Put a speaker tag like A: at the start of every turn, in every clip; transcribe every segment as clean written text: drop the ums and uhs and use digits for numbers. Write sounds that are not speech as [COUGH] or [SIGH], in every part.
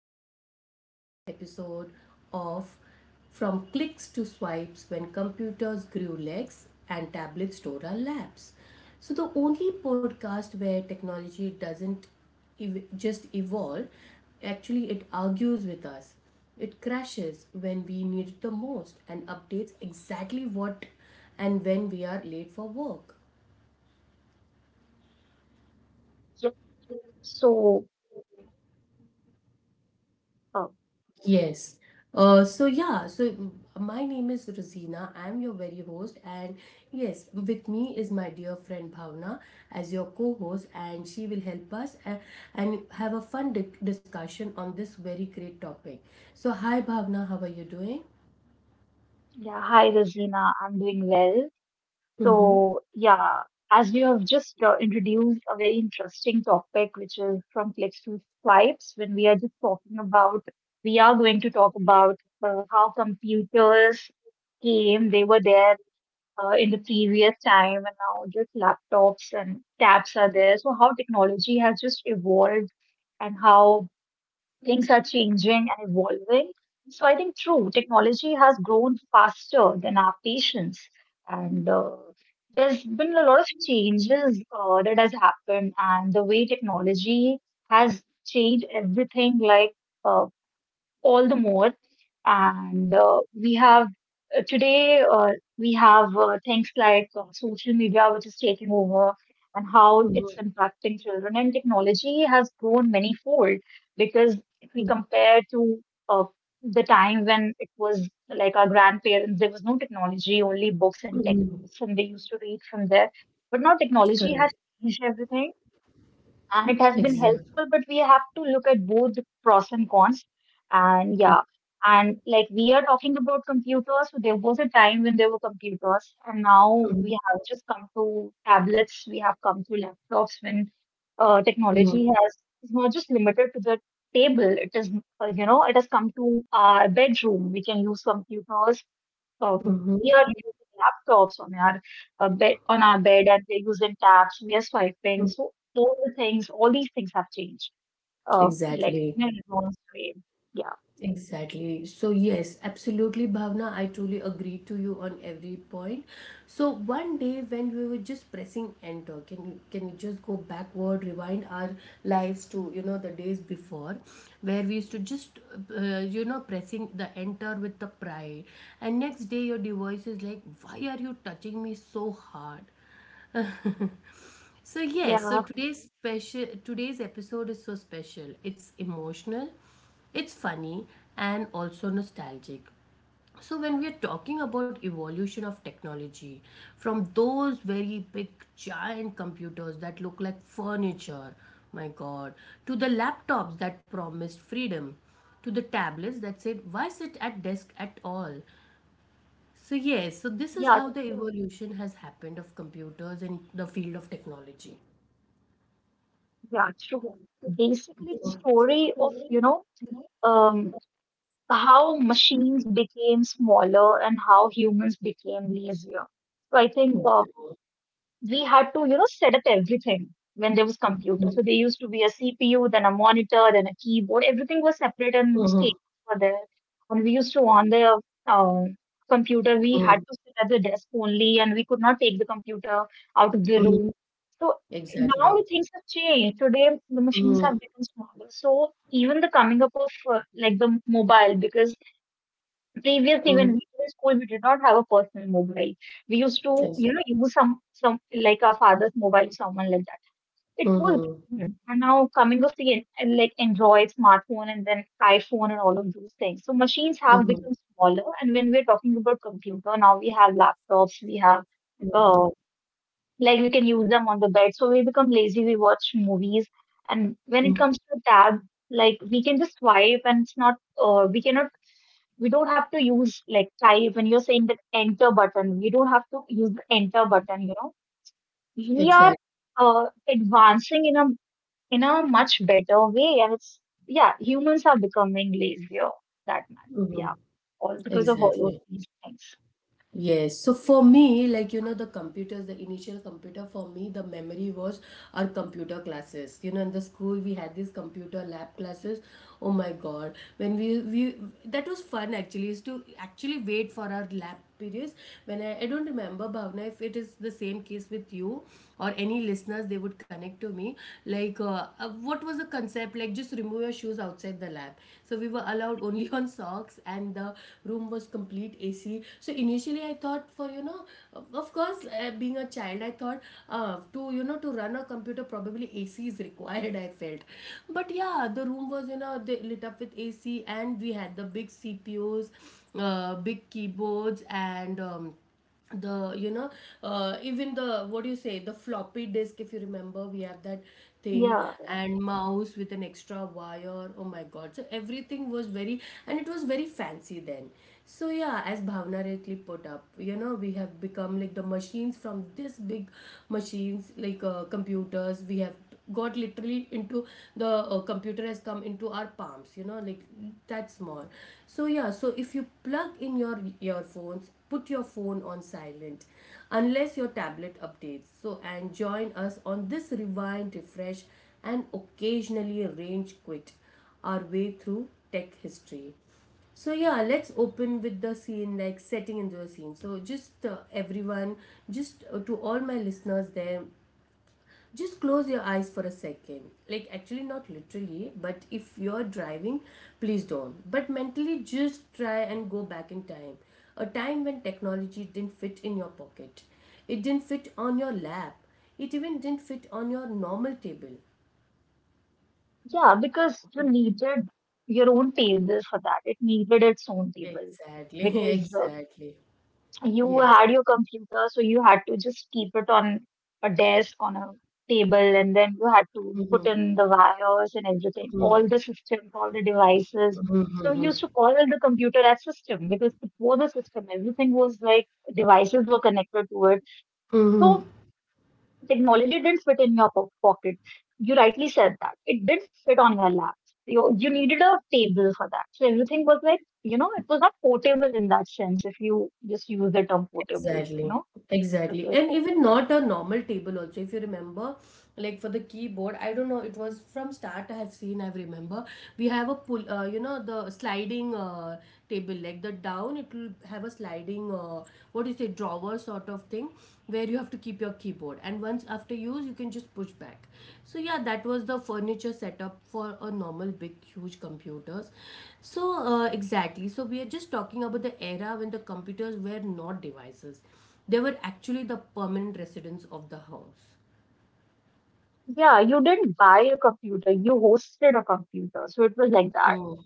A: welcome to yet another episode of From Clicks to Swipes When Computers Grew Legs and Tablets Tore Our Laps. So, the only podcast where technology doesn't just evolve, actually, it argues with us. It crashes when we need it the most and updates exactly what and when we are late for work.
B: Yeah. So, uh,
A: Yes. So yeah, so my name is Rosina. I'm your very host, and yes, with me is my dear friend Bhavna as your co-host, and she will help us and have a fun di discussion on this very great topic. So hi, Bhavna, how are you doing?
B: yeah, hi Rosina, I'm doing well.
A: Mm-hmm.
B: So, yeah, as you have just introduced a very interesting topic, which is from clicks to swipes, when we are just talking about, we are going to talk about how computers they were there in the previous time, and now just laptops and tabs are there. So, how technology has just evolved and how things are changing and evolving. So I think true, technology has grown faster than our patience, and there's been a lot of changes that has happened, and the way technology has changed everything, like. Uh, all the more. And we have today we have things like social media, which is taking over, and how it's
A: Mm-hmm.
B: impacting children. And technology has grown many fold because if we compare to uh, the time when it was like our grandparents, there was no technology, only books and
A: Mm-hmm.
B: textbooks, and they used to read from there. But now technology has
A: Correct.
B: changed everything, and it has been
A: Exactly.
B: helpful, but we have to look at both the pros and cons. And yeah, and like we are talking about computers, so there was a time when there were computers, and now we have just come to tablets, we have come to laptops, when technology
A: Mm-hmm.
B: has is not just limited to the table. It is, you know, it has come to our bedroom. We can use computers. Oh,
A: Mm-hmm.
B: we are using laptops on our on our bed, and we're using tabs. We are swiping. So all the things, all these things have changed. Like
A: Exactly.
B: in an advanced way. Yeah,
A: Exactly. So, yes, absolutely, Bhavna. I truly agree to you on every point. So, one day when we were just pressing enter, can we just go backward, rewind our lives to the days before, where we used to just pressing the enter with the pride, and next day your device is like, why are you touching me so hard? [LAUGHS] So yes, so
B: yeah,
A: today's episode is so special. It's emotional, it's funny and also nostalgic. So when we are talking about evolution of technology from those very big giant computers that look like furniture, my god, to the laptops that promised freedom, to the tablets that said why sit at desk at all. So yes, so this is
B: yeah,
A: how the evolution has happened of computers in the field of technology.
B: yeah. True. Basically, the
A: Mhm.
B: story of, you know, um how machines became smaller and how humans became lazier. So I think
A: Exactly.
B: we had to, you know, set up everything when there was computer.
A: Mhm.
B: So there used to be a CPU, then a monitor, then a keyboard. Everything was separate, and those
A: Mhm.
B: cables were there. And we used to on the um, computer, we had
A: Mhm.
B: to sit at the desk only, and we could not take the computer out of the
A: Mhm.
B: room. So now
A: Exactly.
B: things have changed. Today the machines
A: Mhm.
B: have become smaller. So even the coming up of like the mobile, because previous, even
A: Mhm.
B: we were in school, we did not have a personal mobile. We used to,
A: Exactly.
B: you know, use some like our father's mobile, someone like that. It was
A: Mhm.
B: different. And now coming of the en- and like Android smartphone and then iPhone and all of those things. So machines have
A: Mhm.
B: become smaller, and when we're talking about computer, now we have laptops, we have, uh,
A: Mhm.
B: like we can use them on the bed, so we become lazy, we watch movies. And when it
A: Mhm.
B: comes to tab, like we can just swipe, and it's not, uh, we cannot we don't have to use like type, when you're saying the enter button. We don't have to use the enter button, you know. We are
A: Exact-
B: advancing in a much better way, and it's, yeah, humans are becoming lazier that much. Yeah.
A: mhm.
B: All because of all of
A: Exactly.
B: these things.
A: Yes, so for me, like, the computers, the initial computer for me, the memory was our computer classes. You know, in the school we had these computer lab classes. Oh my God, when we that was fun actually. Is to actually wait for our lab periods. When I don't remember Bhavna if it is the same case with you or any listeners, they would connect to me. Like, what was the concept? Like just remove your shoes outside the lab so we were allowed only [LAUGHS] on socks and the room was complete ac. So initially I thought for, of course, being a child, I thought, to you know to run a computer probably ac is [LAUGHS] required, I felt. But yeah, the room was, they lit up with ac, and we had the big cpus, big keyboards, and the, even the, what do you say, the floppy disk, if you remember, we have that thing,
B: Yeah.
A: and mouse with an extra wire. Oh my god, so everything was very, and it was very fancy then. So yeah, as Bhavna rightly put up, we have become like the machines. From this big machines, like, computers, we have got literally into the, computer has come into our palms, like that small. So yeah, so if you plug in your earphones, put your phone on silent unless your tablet updates. So and join us on this rewind, refresh, and occasionally range quit our way through tech history. So yeah, let's open with the scene, like setting into a scene. So just everyone, just to all my listeners there, just close your eyes for a second. Like, actually, not literally, but if you're driving, please don't. But mentally, just try and go back in time. A time when technology didn't fit in your pocket, it didn't fit on your lap, it even didn't fit on your normal table.
B: Yeah, because you needed your own tables for that. It needed its own table,
A: Exactly, [LAUGHS]
B: because
A: exactly.
B: you
A: Yes.
B: had your computer, so you had to just keep it on on a table, and then you had to put in the wires and everything, all the systems, all the devices. So we used to call the computer as system, because it was a system. Everything was like devices were connected to it. So
A: [LAUGHS]
B: technology didn't fit in your pocket. You rightly said that. It did fit on your lap. You needed a table for that. So everything was like, you know, it was not portable in that sense, if you just use the term portable,
A: Exactly,
B: you know.
A: exactly. And even not a normal table also. If you remember, like for the keyboard, I don't know, it was from start I have seen, I remember. We have a pull, the sliding table, like the down, it will have a sliding, what do you say, drawer sort of thing where you have to keep your keyboard, and once after use you can just push back. So yeah, that was the furniture setup for a normal big huge computers. So exactly, so we are just talking about the era when the computers were not devices, they were actually the permanent residents of the house.
B: Yeah, you didn't buy a computer, you hosted a computer. So it was like that.
A: Mm.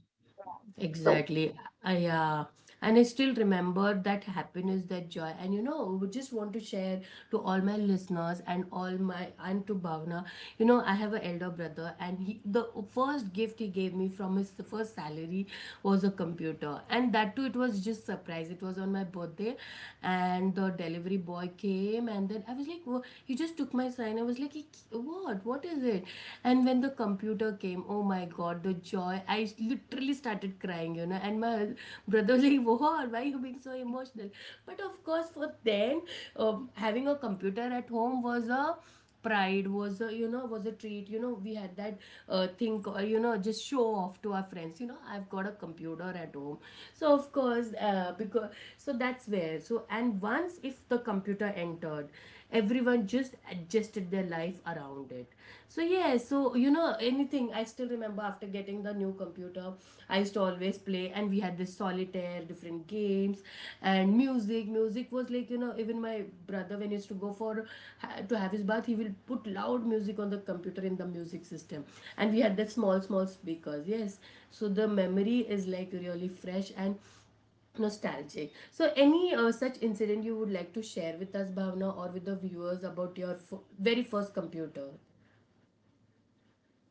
B: Yeah. So,
A: Exactly. Yeah. And I still remember that happiness, that joy. And you know, we just want to share to all my listeners and all my and to Bhavna. You know, I have an elder brother, and he the first gift he gave me from his first salary was a computer, and that too it was just surprise. It was on my birthday, and the delivery boy came, and then I was like, "Wha- he just took my sign. I was like, "He- What? What is it?" And when the computer came, oh my god, the joy. I literally started crying, you know. And my brother was like, "Whoa, why are you being so emotional?" But of course, for them, having a computer at home was a pride, was a, was a treat, we had that thing, just show off to our friends, I've got a computer at home. So of course, because, so that's where, so, and once if the computer entered, everyone just adjusted their life around it. So yeah, so anything, I still remember after getting the new computer, I used to always play, and we had this solitaire, different games, and music, was like, even my brother when he used to go for, to have his bath, he will put loud music on the computer in the music system, and we had that small speakers, yes. So the memory is like really fresh and nostalgic. So any such incident you would like to share with us, Bhavna, or with the viewers about your very first computer?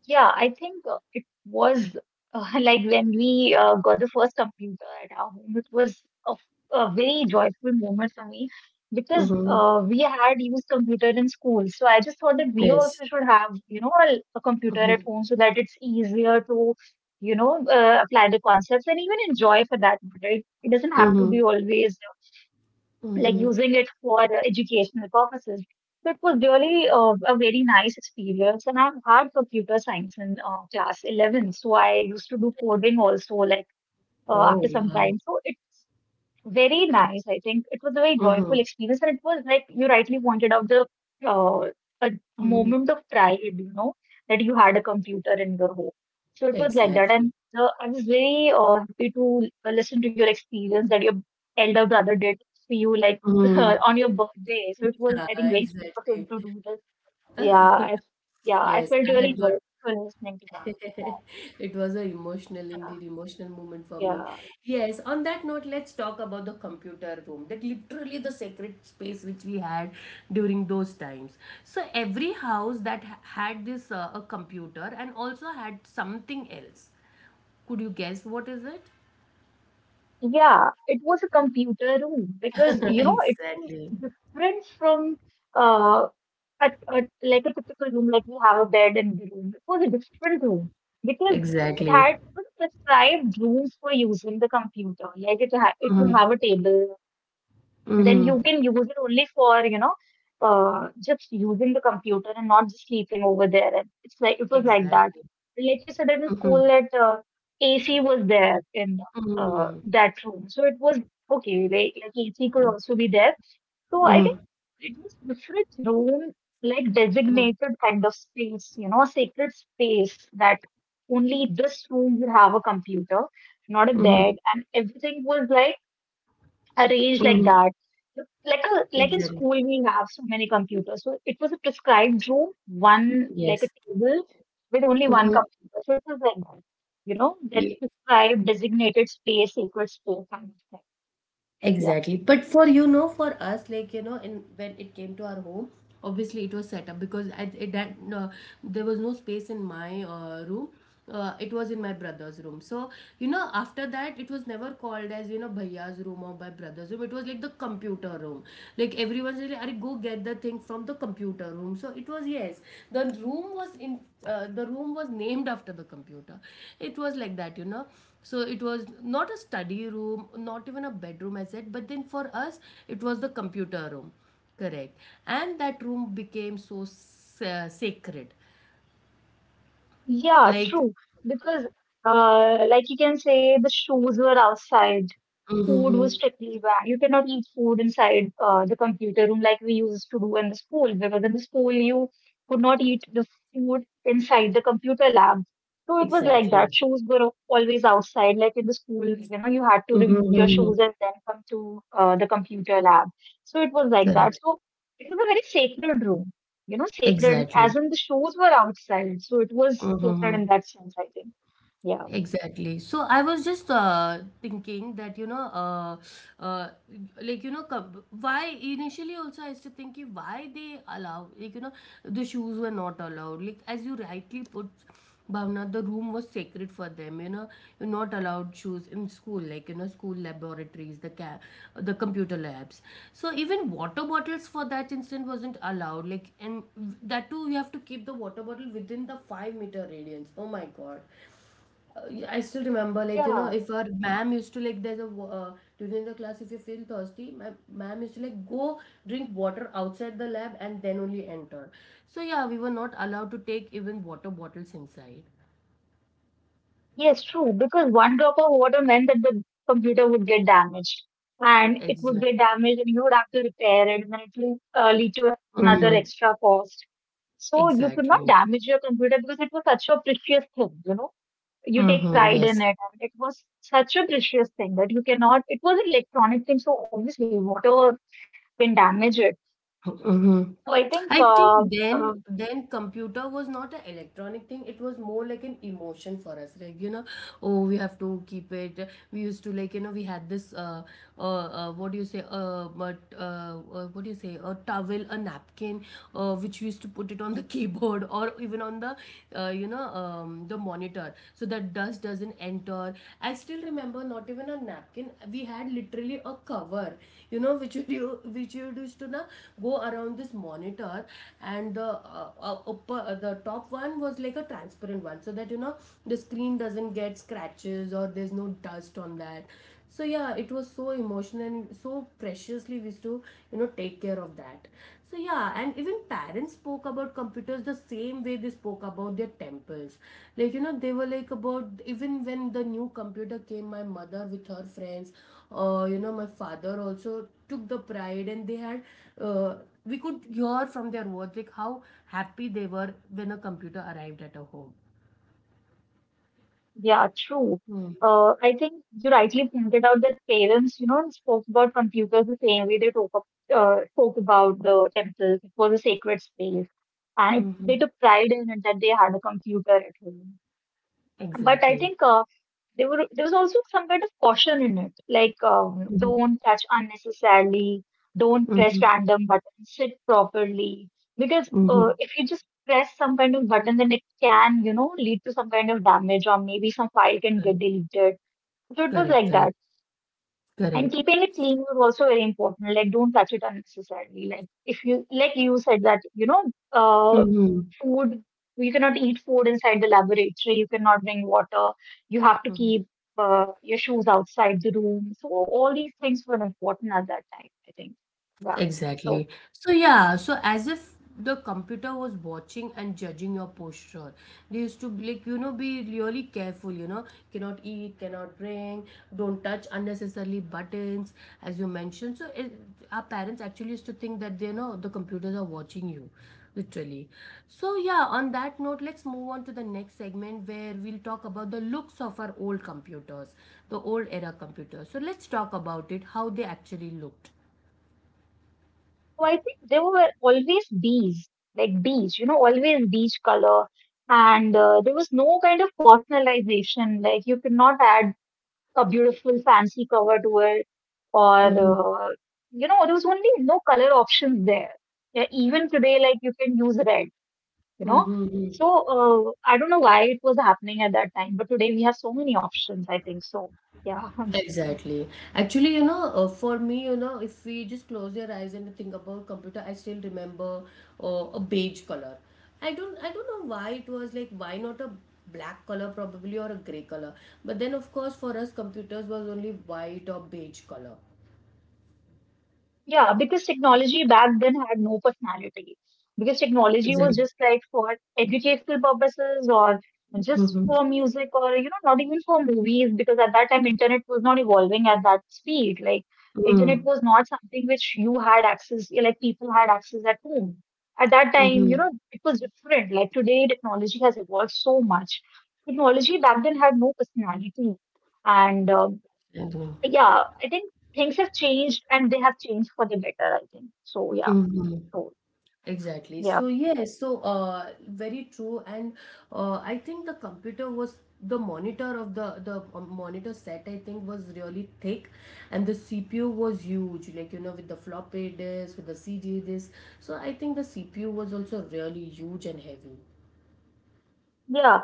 B: Yeah, I think it was [LAUGHS] like when we got the first computer at our home, it was a, a very joyful moment for me, because
A: Mm-hmm.
B: we had used computer in school. So I just thought that we
A: Yes.
B: also should have, you know, a computer
A: Mm-hmm.
B: at home, so that it's easier to, you know, apply the concepts and even enjoy for that matter. It doesn't have to
A: Mm-hmm.
B: be always like
A: Mm-hmm.
B: using it for educational purposes. So it was really a very nice experience, and I've had computer science in class 11. So I used to do coding also, like after
A: Oh
B: some
A: wow.
B: time. So it's. Very nice. I think it was a very joyful
A: Mm-hmm.
B: experience, and it was like you rightly pointed out the uh, a
A: Mm-hmm.
B: moment of pride, you know, that you had a computer in your home. So it was like that, and
A: Exactly.
B: I was very happy to listen to your experience that your elder brother did for you, like [LAUGHS]
A: Mm-hmm.
B: on your birthday. So it
A: [LAUGHS]
B: was,
A: Yeah,
B: I think, very sweet of
A: exactly.
B: him to do this. Yeah, I, yeah, I
A: Yes,
B: felt
A: I
B: really
A: had got.
B: joyful listening to that.
A: [LAUGHS] It was a emotional, indeed, emotional moment for me.
B: Yeah.
A: Yes, on that note, let's talk about the computer room. That literally the sacred space which we had during those times. So every house that had this a computer and also had something else. Could you guess what is it?
B: Yeah, it was a computer room, because
A: [LAUGHS]
B: you know, it was
A: Exactly.
B: different from uh a, like a typical room, like we have a bed in the room. It was a different room, because
A: Exactly.
B: it was prescribed rooms for using the computer. Like it would
A: Mm-hmm.
B: have a table, then you
A: Mm-hmm.
B: can use it only for, you know, just using the computer and not just sleeping over there, and it's like, it was like that,
A: Exactly.
B: like you said in school
A: Mm-hmm.
B: that, ac was there in, uh,
A: Mm-hmm.
B: that room. So it was okay, like ac could also be there. So I think
A: Mm-hmm.
B: it was different room, like
A: Mm-hmm.
B: designated kind of space, you know, a sacred space, that only this room will have a computer, not a
A: Mm-hmm.
B: bed, and everything was like arranged like
A: Mm-hmm.
B: that. Like a, like in
A: Exactly.
B: school we have so many computers. So it was a prescribed room, one, like a
A: Yes.
B: table with only one
A: Mm-hmm.
B: computer. So it was like that. You know, that prescribed designated space, sacred space kind of thing. Yeah.
A: Exactly. But for, for us, like, in when it came to our home, obviously it was set up because I it that no, there was no space in my room. It was in my brother's room. So you know, after that, it was never called as you know, bhaiya's room or my brother's room. It was like the computer room. Like everyone said, "Arey, go get the thing from the computer room." So it was, yes, the room was in the room was named after the computer. It was like that, you know, so it was not a study room, not even a bedroom, I said, but then for us it was the computer room. Correct. And that room became so sacred,
B: Yeah,
A: like.
B: true. Because like you can say the shoes were outside,
A: Mhm,
B: food was
A: mhm.
B: strictly banned. You cannot eat food inside the computer room, like we used to do in the school, because in the school you could not eat the food inside the computer lab. So it was like that.
A: Exactly.
B: Shoes were always outside, like in the school, you know, you had to
A: Mhm,
B: remove your
A: mhm, mhm.
B: shoes and then come to the computer lab. So it was like
A: Correct.
B: that. So it was a very sacred room, you know, sacred, as
A: Exactly.
B: in the shoes were outside. So it was sacred in that sense, I think. Yeah.
A: Exactly. So I was just thinking that, you know, uh, like, why initially also I used to think ki why they allow, like, the shoes were not allowed. Like as you rightly put, Bhavna, the room was sacred for them. You know, you're not allowed shoes in school. Like, you know, school laboratories, the computer labs. So even water bottles for that instant wasn't allowed. Like, and that too, you have to keep the water bottle within the 5 meter radius. Oh my god, uh, I still remember, like, you know,
B: Yeah.
A: if our ma'am used to, like, there's a, during the class, if you feel thirsty, my ma'am used to, like, go drink water outside the lab and then only enter. So, yeah, we were not allowed to take even water bottles inside.
B: Yes, true, because one drop of water meant that the computer would get damaged, and it would
A: Exactly.
B: get damaged, and you would have to repair it, and then it will lead to another
A: Hmm.
B: extra cost. So you could not
A: Exactly.
B: damage your computer, because it was such a precious thing, you know. You take
A: Mm-hmm.
B: pride in
A: Yes.
B: it, and it was such a precious thing, that you cannot, it was an electronic thing, so obviously water can damage it.
A: Mm-hmm.
B: So I think,
A: I think then
B: uh,
A: then computer was not an electronic thing. It was more like an emotion for us. Like, you know, oh, we have to keep it. We used to, like, you know, we had this what do you say? But what do you say? A towel, a napkin, which we used to put it on the [LAUGHS] keyboard or even on the the monitor so that dust doesn't enter. I still remember, not even a napkin, we had literally a cover, you know, which you used to na go around this monitor. And the upper, the top one was like a transparent one, so that, you know, the screen doesn't get scratches or there's no dust on that. So yeah, it was so emotional and so preciously we used to, you know, take care of that. So yeah, and even parents spoke about computers the same way they spoke about their temples. Like, you know, they were like about, even when the new computer came, my mother with her friends, you know, my father also took the pride, and they had uh, we could hear from their words like how happy they were when a computer arrived at a home.
B: Yeah, true.
A: Mm.
B: I think you rightly pointed out that parents, you know, spoke about computers the same way they talk, spoke about the temples. It was a sacred space, and it, they
A: Mm-hmm.
B: took pride in it, that they had a computer at home. But I
A: Exactly.
B: think, there were, there was also some kind of caution in it, like
A: Mm-hmm.
B: don't touch unnecessarily, don't press
A: Mm-hmm.
B: random buttons, sit properly, because
A: Mm-hmm.
B: if you just press some kind of button, then it can, you know, lead to some kind of damage, or maybe some file can get
A: Correct.
B: deleted. So it was
A: Correct.
B: like that.
A: Correct.
B: And keeping it clean was also very important. Like don't touch it unnecessarily. Like if you, like you said, that you know, uh,
A: Correct.
B: food. You cannot eat food inside the laboratory. You cannot drink water. You have to
A: Mhm.
B: keep your shoes outside the room. So all these things were important at that time, I think. Yeah. So,
A: Exactly. So yeah, so as if the computer was watching and judging your posture. They used to be like, you know, be really careful, you know, cannot eat, cannot drink, don't touch unnecessarily buttons, as you mentioned. So it, our parents actually used to think that, they know, the computers are watching you, literally. So yeah, on that note, let's move on to the next segment where we'll talk about the looks of our old computers, the old era computers. So let's talk about it, how they actually looked.
B: so I think there were always bees, like bees, you know, always beige color. And there was no kind of personalization. Like you could not add a beautiful fancy cover to it, or,
A: Mm-hmm.
B: you know, there was only no color options there. Yeah, even today, like you can use red, you know.
A: Mm-hmm.
B: So I don't know why it was happening at that time, but today we have so many options, I think. So yeah. [LAUGHS]
A: Exactly. Actually, you know, for me, you know, if we just close your eyes and think about computer, I still remember a beige color. I don't know why it was like why not a black color probably or a gray color. But then of course for us computers was only white or beige color.
B: Yeah, because technology back then had no personality. Because technology was
A: Exactly.
B: just like for educational purposes or just
A: Mm-hmm.
B: for music or, you know, not even for movies because at that time internet was not evolving at that speed. Like internet was not something which you had access, like people had access at home. At that time, you
A: Mm-hmm.
B: know, it was different. Like today, technology has evolved so much. Technology back then had no personality. And yeah, I think things have changed and they have changed for the better, I think. So yeah,
A: Mm-hmm.
B: so
A: Exactly.
B: yeah,
A: So yes, so very true, and I think the computer was the monitor of the monitor set. I think was really thick, and the CPU was huge. Like you know, with the floppy disk, with the CD disk. So I think the CPU was also really huge and heavy.
B: yeah.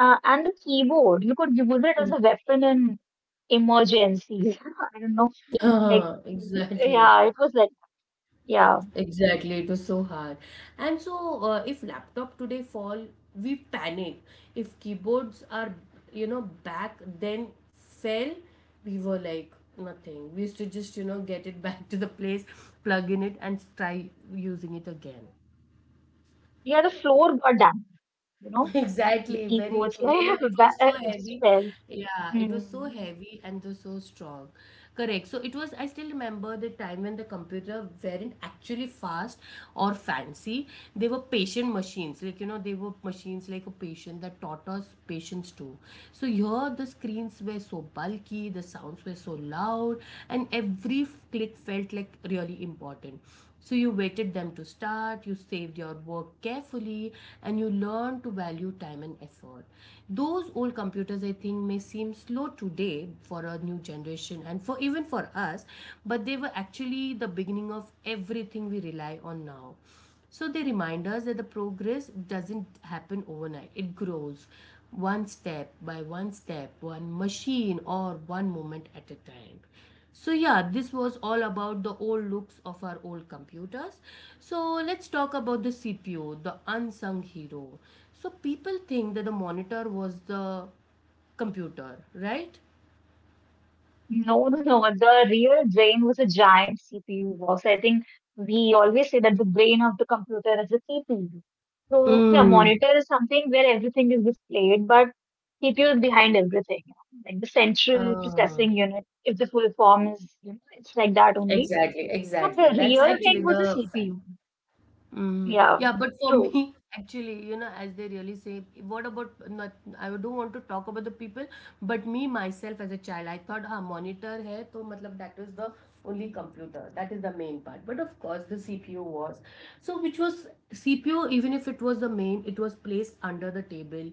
B: And the keyboard, you could use it as
A: Mm.
B: a weapon in emergencies. [LAUGHS] I don't know,
A: [LAUGHS]
B: like
A: Uh, exactly.
B: yeah, it was like yeah,
A: Exactly, it was so hard. And so, if laptop today fall, we panic. If keyboards are, you know, back then fell, we were like nothing. We used to just, you know, get it back to the place, plug in it, and try using it again.
B: yeah. The floor got damaged, you know,
A: [LAUGHS]
B: the
A: Exactly, very
B: keyboard's [LAUGHS]
A: true. You know,
B: like
A: it
B: that,
A: was so
B: it just
A: heavy.
B: fell.
A: Yeah, it
B: Hmm.
A: was so heavy and was so strong. Correct. So it was, I still remember the time when the computer weren't actually fast or fancy. They were patient machines. Like, you know, they were machines like a patient that taught us patience too. So here the screens were so bulky, the sounds were so loud, and every click felt like really important. So you waited them to start, you saved your work carefully, and you learned to value time and effort. Those old computers, I think, may seem slow today for a new generation and for even for us, but they were actually the beginning of everything we rely on now. So they remind us that the progress doesn't happen overnight. It grows one step by one step, one machine or one moment at a time. So, yeah, this was all about the old looks of our old computers. So, let's talk about the CPU, the unsung hero. So, people think that the monitor was the computer, right?
B: No, [LAUGHS] no, no. The real brain was a giant CPU box. I think we always say that the brain of the computer is a CPU. So, yeah,
A: Mm.
B: monitor is something where everything is displayed, but CPU is behind everything, you know, like the central
A: Uh,
B: processing unit, if the full form is, you know, it's like that only.
A: Exactly,
B: But
A: exactly.
B: the
A: That's
B: real
A: actually
B: thing was the
A: the fact.
B: CPU.
A: Mm, yeah,
B: Yeah,
A: but for [LAUGHS]
B: true.
A: me, actually, you know, as they really say, what about not? I don't want to talk about the people, but me myself as a child, I thought, ah, monitor hai, so, matlab, that is the only computer. That is the main part. But of course, the CPU was. So, which was CPU, even if it was the main, it was placed under the table,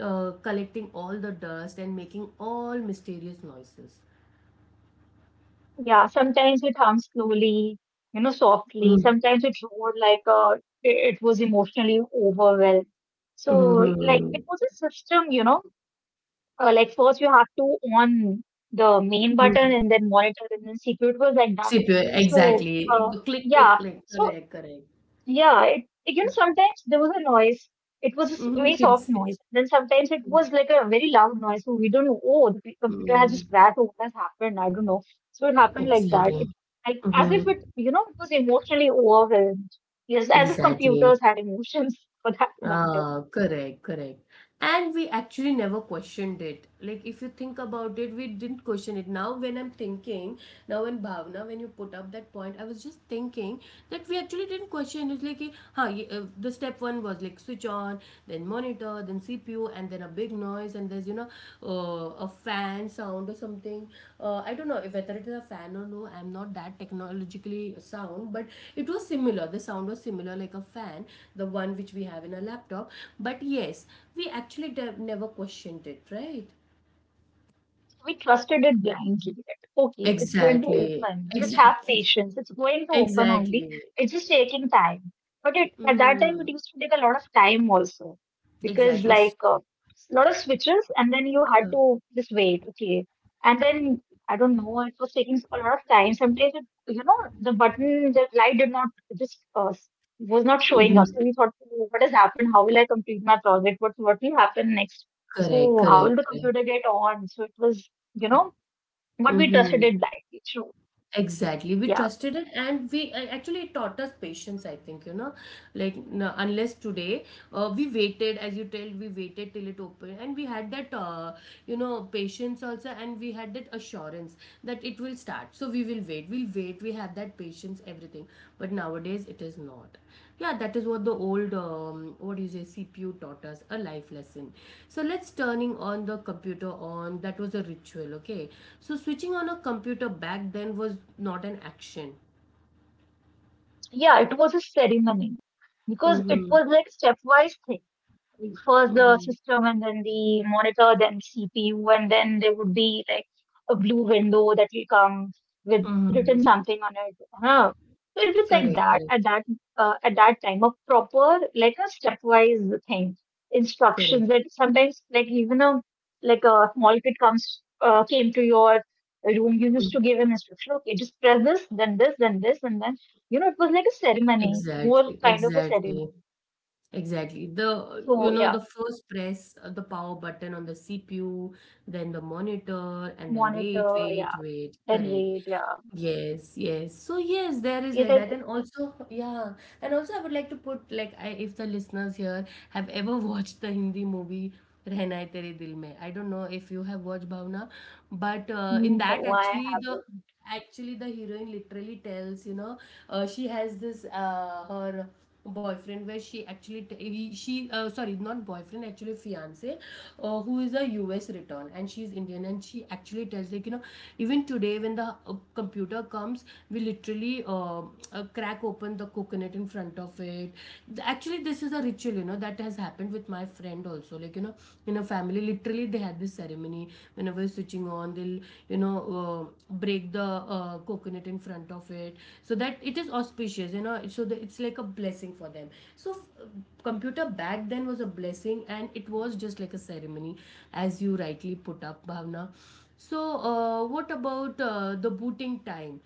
A: collecting all the dust and making all mysterious noises.
B: Yeah, sometimes it hums slowly, you know, softly.
A: Mm.
B: Sometimes it roared like it was emotionally overwhelmed. So, like,
A: Mm-hmm.
B: it was a system, you know, like first you have to on the main button
A: Mm.
B: and then monitor and then secret was like that.
A: CPU,
B: So,
A: exactly.
B: uh,
A: Click, click,
B: yeah.
A: click.
B: So
A: Correct, correct.
B: yeah, it, you know, sometimes there was a noise. It was a
A: Mhm,
B: very soft
A: pinsan.
B: noise. Then sometimes it was like a very loud noise. So we don't know, oh, the computer has
A: Mm,
B: just crashed. Or what has happened? I don't know. So it
A: [LAUGHS]
B: happened like that.
A: exactly.
B: It, like, as if
A: Mhm,
B: it, you know, it was emotionally overwhelmed. Yes, as if
A: exactly.
B: computers had emotions [LAUGHS] for that matter. So
A: Ah, correct, correct. And we actually never questioned it. Like, if you think about it, we didn't question it. Now, when I'm thinking, now when Bhavna, when you put up that point, I was just thinking that we actually didn't question it. Like, huh, the step one was like switch on, then monitor, then CPU, and then a big noise, and there's, you know, a fan sound or something. I don't know if whether it is a fan or no, I'm not that technologically sound, but it was similar. The sound was similar, like a fan, the one which we have in a laptop. But yes, we actually never questioned it, right?
B: we trusted it blindly. Okay, it's going to
A: Exactly,
B: open. Just have
A: exactly,
B: patience. It's going to open only.
A: exactly.
B: It's just taking time. But it, at that time,
A: Mm,
B: it used to take a lot of time also because
A: exactly.
B: like a lot of switches, and then you had
A: uh,
B: to just wait. Okay, and then I don't know. It was taking a lot of time. Sometimes it, you know the button, the light did not just was not showing up.
A: mhm.
B: So we thought, "Oh, what has happened? How will I complete my project? What will happen next?
A: Correct,
B: So how
A: correct,
B: will the
A: correct.
B: computer get on?" So it was, you know, but we trusted
A: Mm-hmm.
B: it blindly. True.
A: Exactly. We
B: Yeah.
A: trusted it, and we actually it taught us patience, I think, you know. Like, unless today we waited, as you tell, we waited till it opened, and we had that, you know, patience also, and we had that assurance, that it will start. So we will wait, we'll wait, we have that patience, everything. But nowadays it is not. Yeah, that is what the old what do you say CPU taught us, a life lesson. So let's, turning on the computer on, that was a ritual. Okay, so switching on a computer back then was not an action.
B: Yeah, it was a ceremony because it
A: Mm-hmm,
B: was like stepwise thing. First the
A: mm-hmm,
B: system and then the monitor, then CPU, and then there would be like a blue window that will come with written
A: mm-hmm.
B: something on it. Huh. So it was like
A: Correct,
B: that
A: correct,
B: at that at that time a proper like a stepwise thing instructions
A: correct.
B: that sometimes like even a like a small kid comes came to your room, you used
A: Mm,
B: to give him instruction, okay, just press this then this then this and then you know it was like a ceremony,
A: exactly,
B: more kind of a
A: exactly.
B: ceremony.
A: Exactly. The, you
B: So
A: know, the
B: yeah,
A: first press the power button on the CPU, then the monitor, and then wait,
B: monitor,
A: wait,
B: yeah,
A: wait.
B: then
A: Correct.
B: read, yeah.
A: Yes, yes. So yes, there is like
B: It
A: that,
B: is,
A: and also yeah, and also I would like to put like I, if the listeners here have ever [LAUGHS] watched the Hindi movie "Rehna Hai Tere Dil Mein," I don't know if you have watched, Bhavna, but in that
B: no, I haven't.
A: actually the heroine literally tells, you know, she has this her boyfriend, where she actually t- he, she sorry not boyfriend, actually fiance, who is a US return, and she's Indian, and she actually tells like, you know, even today when the computer comes, we literally crack open the coconut in front of it. Actually, this is a ritual, you know, that has happened with my friend also, like, you know, in a family literally, they had this ceremony, whenever switching on, they'll, you know, break the coconut in front of it, so that it is auspicious, you know, so that it's like a blessing for them. So computer back then was a blessing, and it was just like a ceremony, as you rightly put up, Bhavna. So what about the booting time,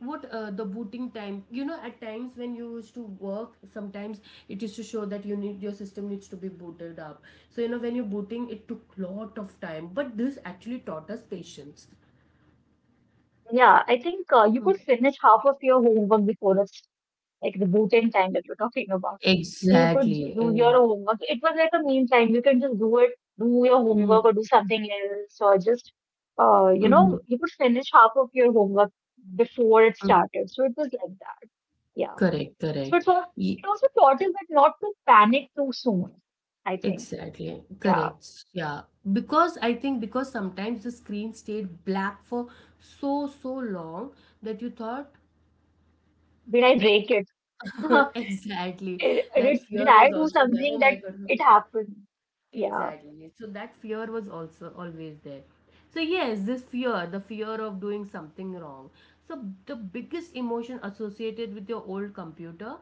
A: what the booting time, you know, at times when you used to work sometimes, it used to show that you need, your system needs to be booted up. So you know, when you're booting, it took lot of time, but this actually taught us patience.
B: Yeah, I think you
A: Mm.
B: could finish half of your homework before it's like the boot-in time that you're talking about. So you could just
A: Exactly, you
B: do your
A: know.
B: homework. It was like a mean time. You can just do it, do your homework
A: Mm,
B: or do something else, or just, you know,
A: mhm,
B: you could finish half of your homework before it
A: mm.
B: started. So it was like that. Yeah.
A: Correct,
B: So
A: correct. Ye-
B: it also taught us that not to panic too soon, I think.
A: exactly,
B: Yeah.
A: correct, yeah. Because I think because sometimes the screen stayed black for so so long that you thought,
B: Did I break it?
A: [LAUGHS]
B: [LAUGHS]
A: exactly.
B: It,
A: That
B: did
A: fear
B: I
A: was
B: do
A: also there. Oh
B: something
A: my
B: that
A: God, no.
B: it happened? Yeah.
A: Exactly. So that fear was also always there. So, yes, this fear, the fear of doing something wrong. So, the biggest emotion associated with your old computer,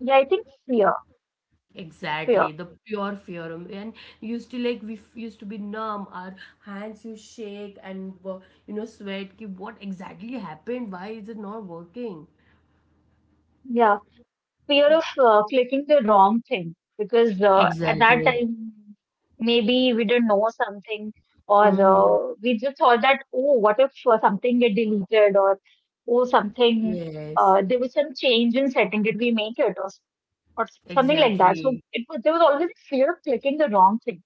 B: Yeah, I think fear.
A: exactly, the pure fear. And used to like, we used to be numb, our hands you shake and you know, sweat. Ki what exactly happened? Why is it not working?
B: Yeah, fear of clicking the wrong thing because at that
A: Exactly.
B: time maybe we didn't know something or
A: Mm,
B: we just thought that oh what if something get deleted or oh something
A: yes,
B: there was some change in setting did we make it or something like that. So
A: exactly.
B: it was there was always a fear of clicking the wrong thing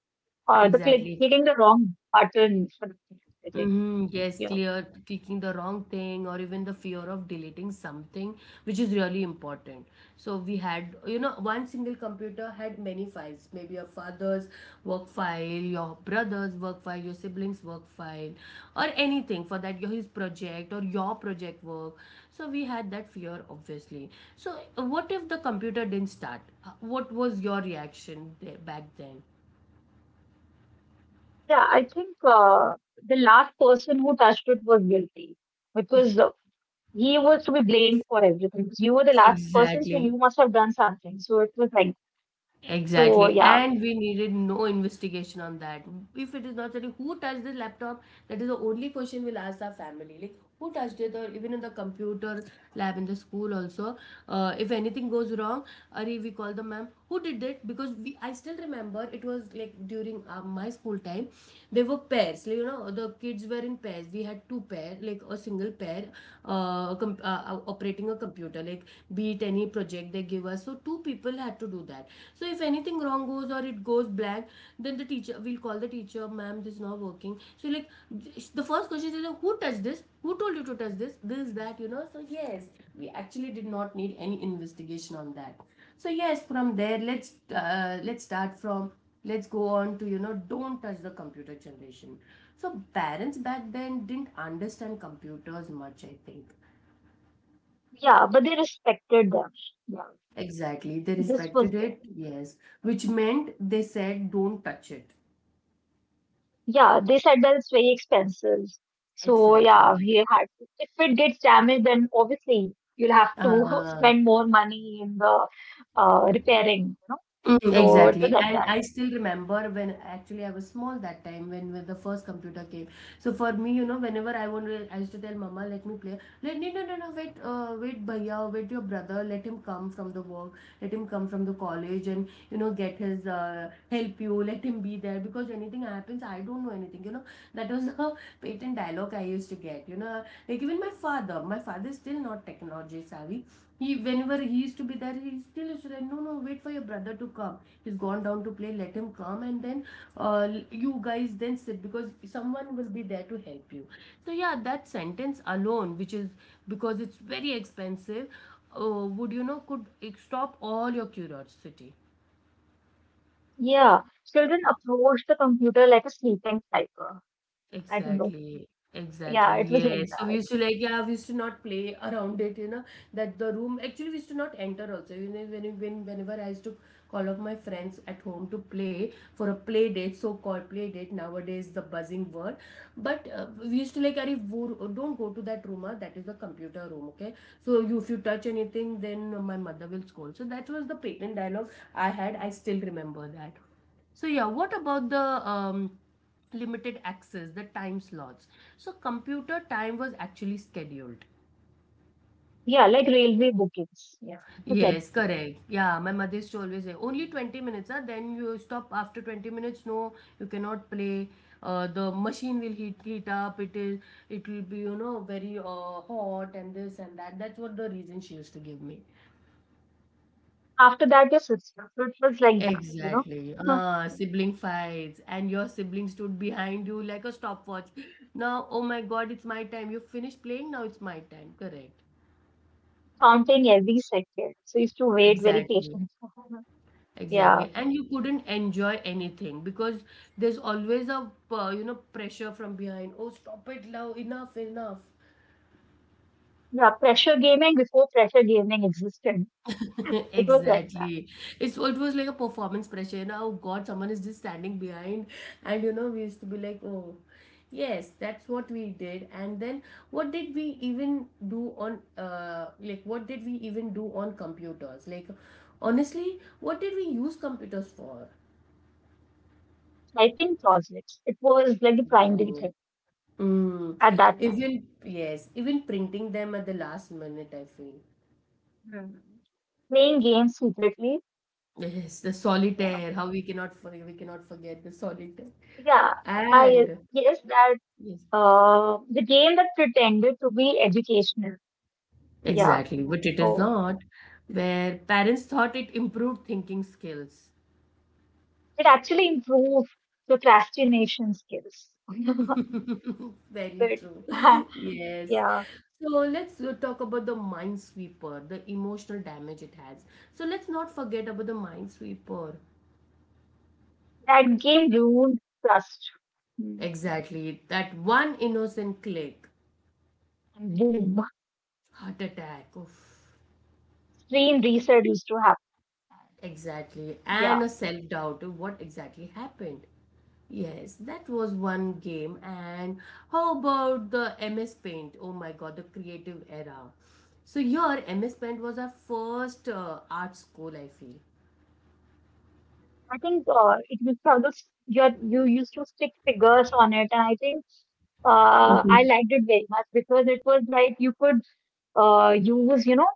B: or the
A: Exactly.
B: clicking the wrong button for the thing.
A: Hmm. Yes,
B: Yeah.
A: clear, clicking the wrong thing, or even the fear of deleting something, which is really important. So, we had, you know, one single computer had many files, maybe your father's work file, your brother's work file, your sibling's work file, or anything for that, your his project or your project work. So, we had that fear, obviously. So, what if the computer didn't start? What was your reaction there, back then?
B: Yeah, I think the last person who touched it was guilty because he was to be blamed for everything. You were the last person, so
A: Exactly.
B: you must have done something. So it was like, so
A: Exactly.
B: yeah,
A: And we needed no investigation on that. If it is not that who touched the laptop, that is the only question we'll ask our family. Like who touched it, or even in the computer lab in the school also. If anything goes wrong, Ari, we call the ma'am, who did it? Because we, I still remember, it was like during my school time, they were pairs. Like, you know, the kids were in pairs. We had two pair, like a single pair, operating a computer, like be it any project they give us, so two people had to do that. So if anything wrong goes or it goes blank, then the teacher we'll call the teacher, ma'am, this is not working. So like the first question is like, who touched this, who told you to touch this that, you know? So yes, we actually did not need any investigation on that. So yes, from there, let's start from, let's go on to, you know, don't touch the computer generation. So parents back then didn't understand computers much, I think.
B: yeah, but they respected them. Yeah,
A: Exactly. They
B: this
A: respected
B: was
A: it,
B: there.
A: yes. Which meant they said, don't touch it.
B: Yeah, they said that it's very expensive. So yeah,
A: Exactly.
B: we had if it gets damaged, then obviously you'll have to [LAUGHS]
A: Uh,
B: spend more money in the repairing, you know. So it was
A: exactly.
B: like
A: And
B: that.
A: I still remember when actually I was small, that time when the first computer came. So for me, you know, whenever I wanted, I used to tell Mama, let me play. Let, no, no, no, no, wait, wait, Bhaiya, wait, your brother, let him come from the work, let him come from the college, and, you know, get his help, you, let him be there, because anything happens, I don't know anything, you know. That was [LAUGHS] patent dialogue I used to get. You know, like even my father is still not technology savvy. He whenever he used to be there, he still used to say, no, no, wait for your brother to come. He's gone down to play. Let him come, and then uh, you guys then sit, because someone will be there to help you. So yeah, that sentence alone, which is, because it's very expensive, would, could stop all your curiosity.
B: Yeah, children approach the computer like a sleeping cycle. I don't know.
A: Exactly, exactly.
B: Yeah, it was like
A: Yes. So we
B: that.
A: used to like, yeah, we used to not play around it, you know, that the room actually we used to not enter also. You know, when whenever I used to call up my friends at home to play for a play date, so-called play date, nowadays the buzzing word. But we used to like, Arif, wo, don't go to that room, ah, that is the computer room, okay? So you, if you touch anything, then my mother will scold. So that was the patent dialogue I had. I still remember that. So yeah, what about the um, limited access, the time slots? So computer time was actually scheduled.
B: Yeah, like railway bookings. Yeah, it was like
A: Yes, correct. Yeah, my mother used to always say only 20 minutes, huh? Then you stop after 20 minutes. No, you cannot play. The machine will heat up. It is, it will be, you know, very hot and this and that. That's what the reason she used to give me.
B: after that your system. So it was like that, you
A: Exactly.
B: know,
A: Sibling fights, and your sibling stood behind you like a stopwatch. Now, oh my God, it's my time. You finished playing, now it's my time. Correct.
B: [LAUGHS] counting every second. So you used to wait very
A: Exactly.
B: patiently. [LAUGHS]
A: Exactly.
B: Yeah,
A: And you couldn't enjoy anything because there's always a, you know, pressure from behind. Oh, stop it now. Enough, enough.
B: yeah. Pressure gaming before pressure gaming existed.
A: [LAUGHS]
B: [LAUGHS] It was like that.
A: Exactly. It's, it was like a performance pressure, you know. Oh God, someone is just standing behind, and, you know, we used to be like, oh, yes, that's what we did. And then what did we even do on, like what did we even do on computers, like honestly what did we use computers for?
B: Typing projects. It was like the primary
A: Exactly.
B: thing
A: Mm.
B: at that time.
A: Even, yes, even printing them at the last minute, I feel.
B: Hmm, playing games secretly.
A: Yes, the
B: Yeah.
A: solitaire, how we cannot for- we cannot forget the solitaire.
B: Yeah. I
A: And
B: yes, that.
A: yes,
B: The game that pretended to be educational. Yeah.
A: exactly, but it is
B: So
A: not. Where parents thought it improved thinking skills.
B: it actually improved procrastination skills. [LAUGHS]
A: [LAUGHS] Very
B: But,
A: true.
B: [LAUGHS]
A: [LAUGHS] Yes.
B: yeah.
A: So let's talk about the minesweeper, the emotional damage it has. So let's not forget about the minesweeper.
B: That game ruined trust. Hmm.
A: Exactly, that one innocent click,
B: And boom.
A: heart attack. Oof.
B: Screen reset used to happen.
A: Exactly.
B: Yeah.
A: And a self doubt of what exactly happened. Yes, that was one game. And how about the MS Paint? Oh my God, the creative era. So your MS Paint was our first art school, I feel.
B: I think it was probably you used to stick figures on it, and I think I
A: Mm-hmm.
B: liked it very much because it was like you could use, you know,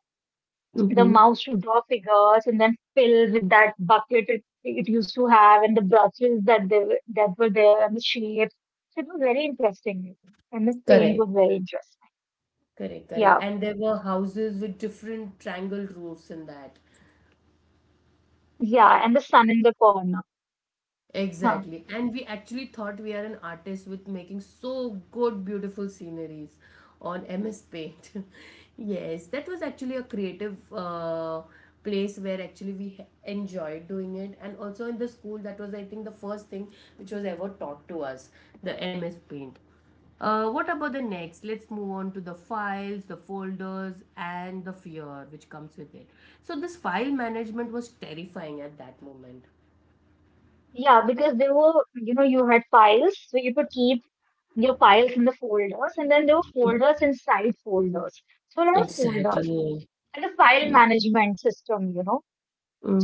B: the
A: Mm-hmm.
B: mouse to draw figures and then fill with that bucket it, it used to have and the brushes that that were there and the shapes. So it was very interesting. And the paint
A: Correct.
B: was very interesting.
A: Correct, correct.
B: Yeah.
A: And there were houses with different triangle roofs in that.
B: Yeah. And the sun in the corner. Huh.
A: Exactly. And we actually thought we are an artist with making so good, beautiful sceneries on MS Paint. [LAUGHS] Yes, that was actually a creative place where actually we enjoyed doing it. And also in the school, that was, I think, the first thing which was ever taught to us, the MS Paint. What about the next? Let's move on to the files, the folders, and the fear which comes with it. So this file management was terrifying at that moment.
B: Yeah, because they were, you know, you had files, so you could keep your files in the folders, and then there were folders inside folders. So a lot of
A: Exactly.
B: folders and a file management system, you know,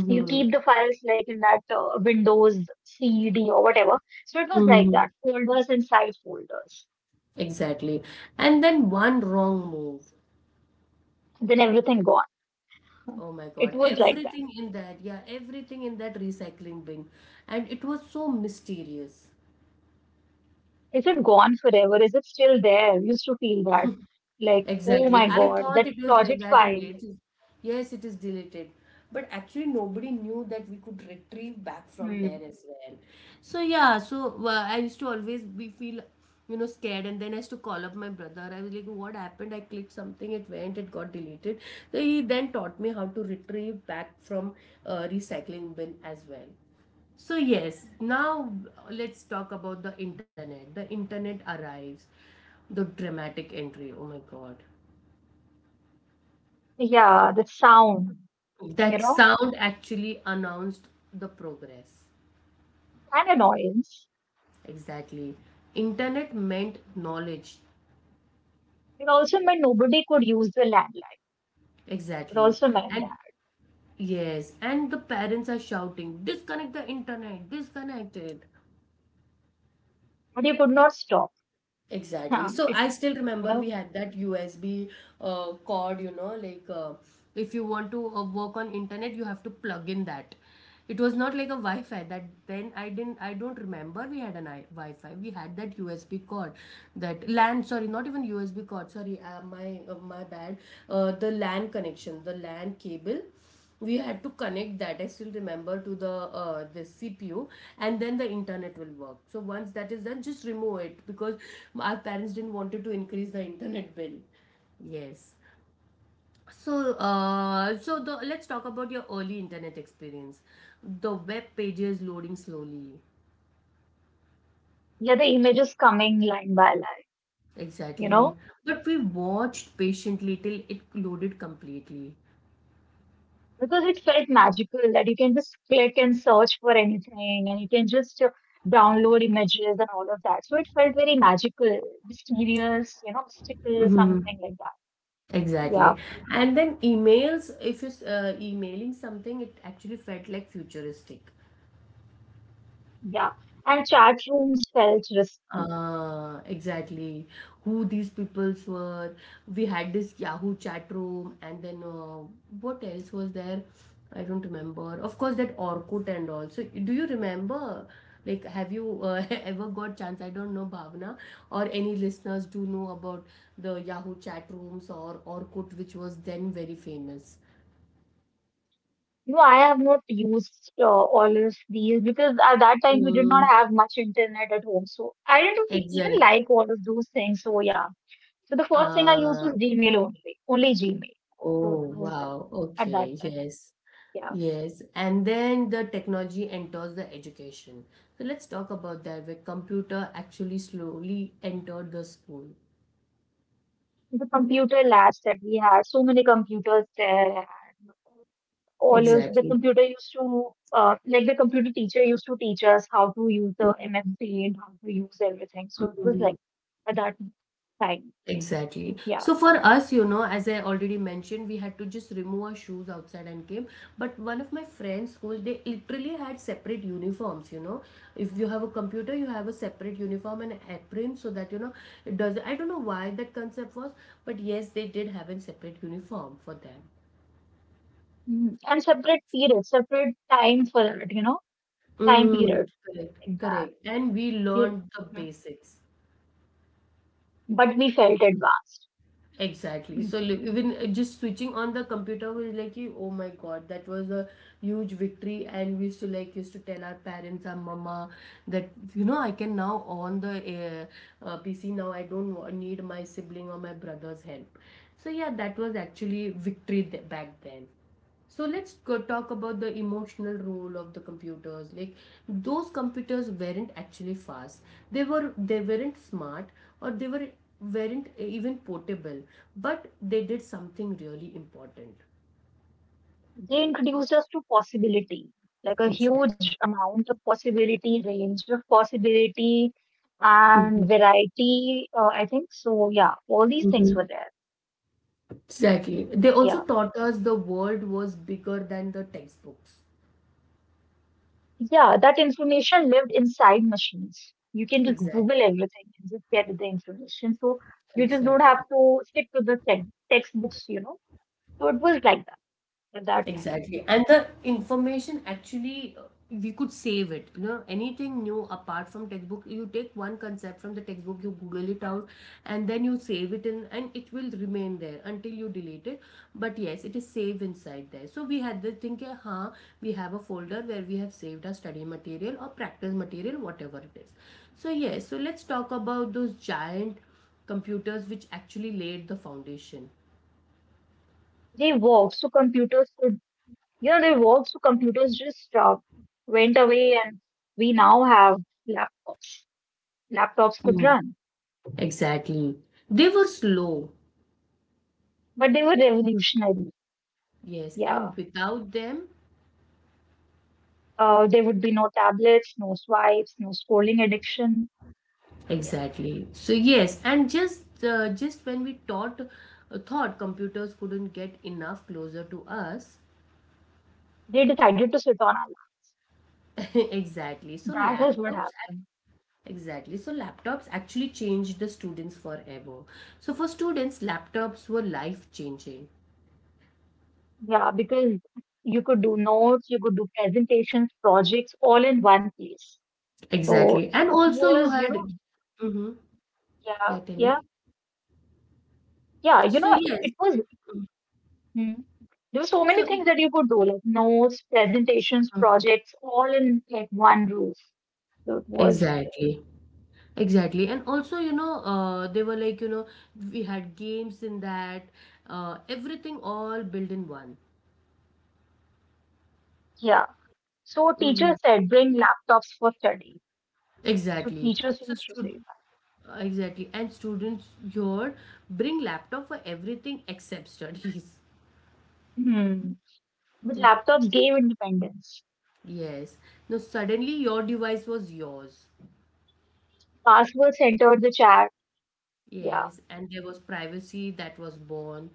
B: you keep the files like in that Windows CD or whatever. So it was like
A: Mm-hmm.
B: that, folders inside folders.
A: Exactly. And then one wrong move.
B: Then everything gone.
A: Oh my
B: It
A: God.
B: was like that.
A: Everything in that, yeah, everything in that recycling bin. And it was so mysterious.
B: Is it gone forever? Is it still there? Used to feel that. Like, oh
A: Exactly.
B: my
A: I
B: God,
A: thought
B: that
A: it was like
B: project
A: that only.
B: file.
A: It is, yes, it is deleted. But actually, nobody knew that we could retrieve back from
B: Hmm.
A: there as well. So, yeah, so I used to always be feel, you know, scared. And then I used to call up my brother. I was like, what happened? I clicked something, it went, it got deleted. So he then taught me how to retrieve back from recycling bin as well. So, yes, now let's talk about the internet. The internet arrives. The dramatic entry. Oh my god.
B: Yeah, the sound, you
A: That
B: know,
A: sound actually announced the progress.
B: and annoyance.
A: Exactly. Internet meant knowledge.
B: It also meant nobody could use the landline. It
A: Exactly.
B: also meant that.
A: And yes, and the parents are shouting, disconnect the internet, disconnect it.
B: But you could not stop. [LAUGHS]
A: Exactly. So
B: It,
A: I still
B: you
A: remember we
B: know,
A: had that USB cord, you know, like if you want to work on internet, you have to plug in that. It was not like a Wi-Fi that then I didn't I don't remember we had an I Wi-Fi. We had that USB cord, that LAN. Sorry, not even USB cord. Sorry, my bad. The LAN connection, the LAN cable we had to connect that, I still remember, to the CPU, and then the internet will work. So once that is done, just remove it, because our parents didn't wanted to increase the internet bill. Yes. So so the, let's talk about your early internet experience, the web pages loading slowly.
B: yeah, the images coming line by line, you
A: Exactly,
B: know.
A: but we watched patiently till it loaded completely.
B: Because it felt magical that you can just click and search for anything and you can just download images and all of that. So it felt very magical, mysterious, you know, mystical, something like that. Yeah,
A: Exactly. And then emails, if you're emailing something, it actually felt like futuristic.
B: yeah. And chat rooms felt risky.
A: Exactly. Who these peoples were. We had this Yahoo chat room, and then what else was there? I don't remember. Of course, that Orkut and all. So, do you remember? Like, have you [LAUGHS] ever got chance? I don't know, Bhavna, or any listeners do know about the Yahoo chat rooms or Orkut, which was then very famous.
B: You know, I have not used all of these because at that time we did
A: Mm.
B: not have much internet at home. So I didn't even like all of those things. So yeah. So the first thing I used was
A: Uh,
B: Gmail only, only Gmail.
A: oh
B: So that was that
A: wow.
B: at that
A: Okay.
B: time.
A: Yes.
B: Yeah.
A: Yes. And then the technology enters the education. So let's talk about that, where computer actually slowly entered the school.
B: The computer labs that we had, so many computers there, and all of the
A: Exactly.
B: computer used to, like the computer teacher used to teach us how to use the MFT and how to use everything. So it was like
A: Mhm.
B: at that time,
A: Exactly.
B: yeah.
A: So for us, you know, as I already mentioned, we had to just remove our shoes outside and came. But one of my friends' schools, they literally had separate uniforms, you know. If you have a computer, you have a separate uniform and apron, so that, you know, it does, I don't know why that concept was, but yes, they did have a separate uniform for them.
B: Mm. And separate period, separate time for it, you know, time
A: Mm,
B: period
A: correct,
B: like that.
A: correct. And we
B: You,
A: learned the
B: Mm,
A: basics.
B: but we felt advanced.
A: Exactly. So even just switching on the computer was like, you- oh my god, that was a huge victory. And we used to used to tell our parents, our mama, that, you know, I can now on the PC now. I don't need my sibling or my brother's help. So yeah, that was actually victory back then. So let's go talk about the emotional role of the computers. Like those computers weren't actually fast. They weren't smart, or they weren't even portable, but they did something really important.
B: They introduced us to possibility, like a
A: Exactly.
B: huge amount of possibility, range of possibility, and
A: Mhm,
B: variety. I think so. Yeah, all these things
A: mhm.
B: were there.
A: Exactly. They also
B: Yeah,
A: taught us the world was bigger than the textbooks.
B: yeah, that information lived inside machines. You can just Google
A: Exactly.
B: everything and just get the information. So you just don't
A: Exactly.
B: have to stick to the textbooks, you know. So it was like that at that time.
A: Exactly. And the information actually, we could save it. You know, anything new apart from textbook, you take one concept from the textbook, you Google it out, and then you save it in, and it will remain there until you delete it. But yes, it is saved inside there. So we had the thing, कि हाँ, we have a folder where we have saved our study material or practice material, whatever it is. So yes, so let's talk about those giant computers which actually laid the foundation.
B: They worked, so computers could, you know, they were also computers just went away, and we now have laptops. Laptops could
A: Mm.
B: run,
A: Exactly. They were slow.
B: but they were revolutionary.
A: Yes, and
B: Yeah.
A: without them,
B: There would be no tablets, no swipes, no scrolling addiction. Yeah.
A: exactly. So yes, and just when we thought thought computers couldn't get enough closer to us,
B: They decided to sit on our laps.
A: [LAUGHS] exactly. So
B: That is what
A: laptops, ac-
B: happened.
A: exactly. So laptops actually changed the students forever. So for students, laptops were life changing.
B: Yeah, because you could do notes, you could do presentations, projects, all in one place. So
A: Exactly, and
B: it
A: also you
B: was, you
A: had.
B: know, Mm,
A: Mm-hmm. Yeah,
B: yeah,
A: tell
B: yeah,
A: me.
B: yeah. You
A: So
B: know, it
A: yes,
B: it was. Hmm, there's so
A: so
B: many things
A: it,
B: that you could do, like notes, presentations,
A: uh,
B: projects, all in like one roof. So it was,
A: exactly. Exactly. And also, you know, they were like, you know, we had games in that, everything all built in one.
B: yeah. So
A: Mm-hmm.
B: teachers said bring laptops for study. So
A: Exactly.
B: teachers
A: So,
B: used to
A: stu
B: say
A: exactly. And students here bring laptop for everything except studies. [LAUGHS]
B: that. Hmm. But laptops gave independence.
A: Yes. Now, suddenly your device was yours.
B: Passwords entered the chat. Yeah.
A: Yes. And there was privacy that was born.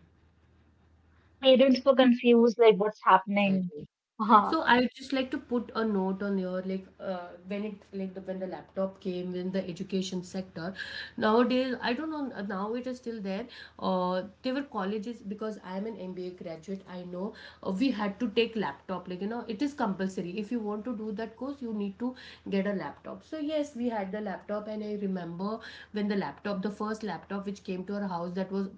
B: Parents were confused, like what's happening.
A: Exactly.
B: Uh-huh.
A: So I would just like to put a note on your like when it like the when the laptop came in the education sector. Nowadays, I don't know. Now it is still there. There were colleges because I am an MBA graduate. I know we had to take laptop. Like you know, it is compulsory. If you want to do that course, you need to get a laptop. So yes, we had the laptop, and I remember when the laptop, the first laptop which came to our house, that was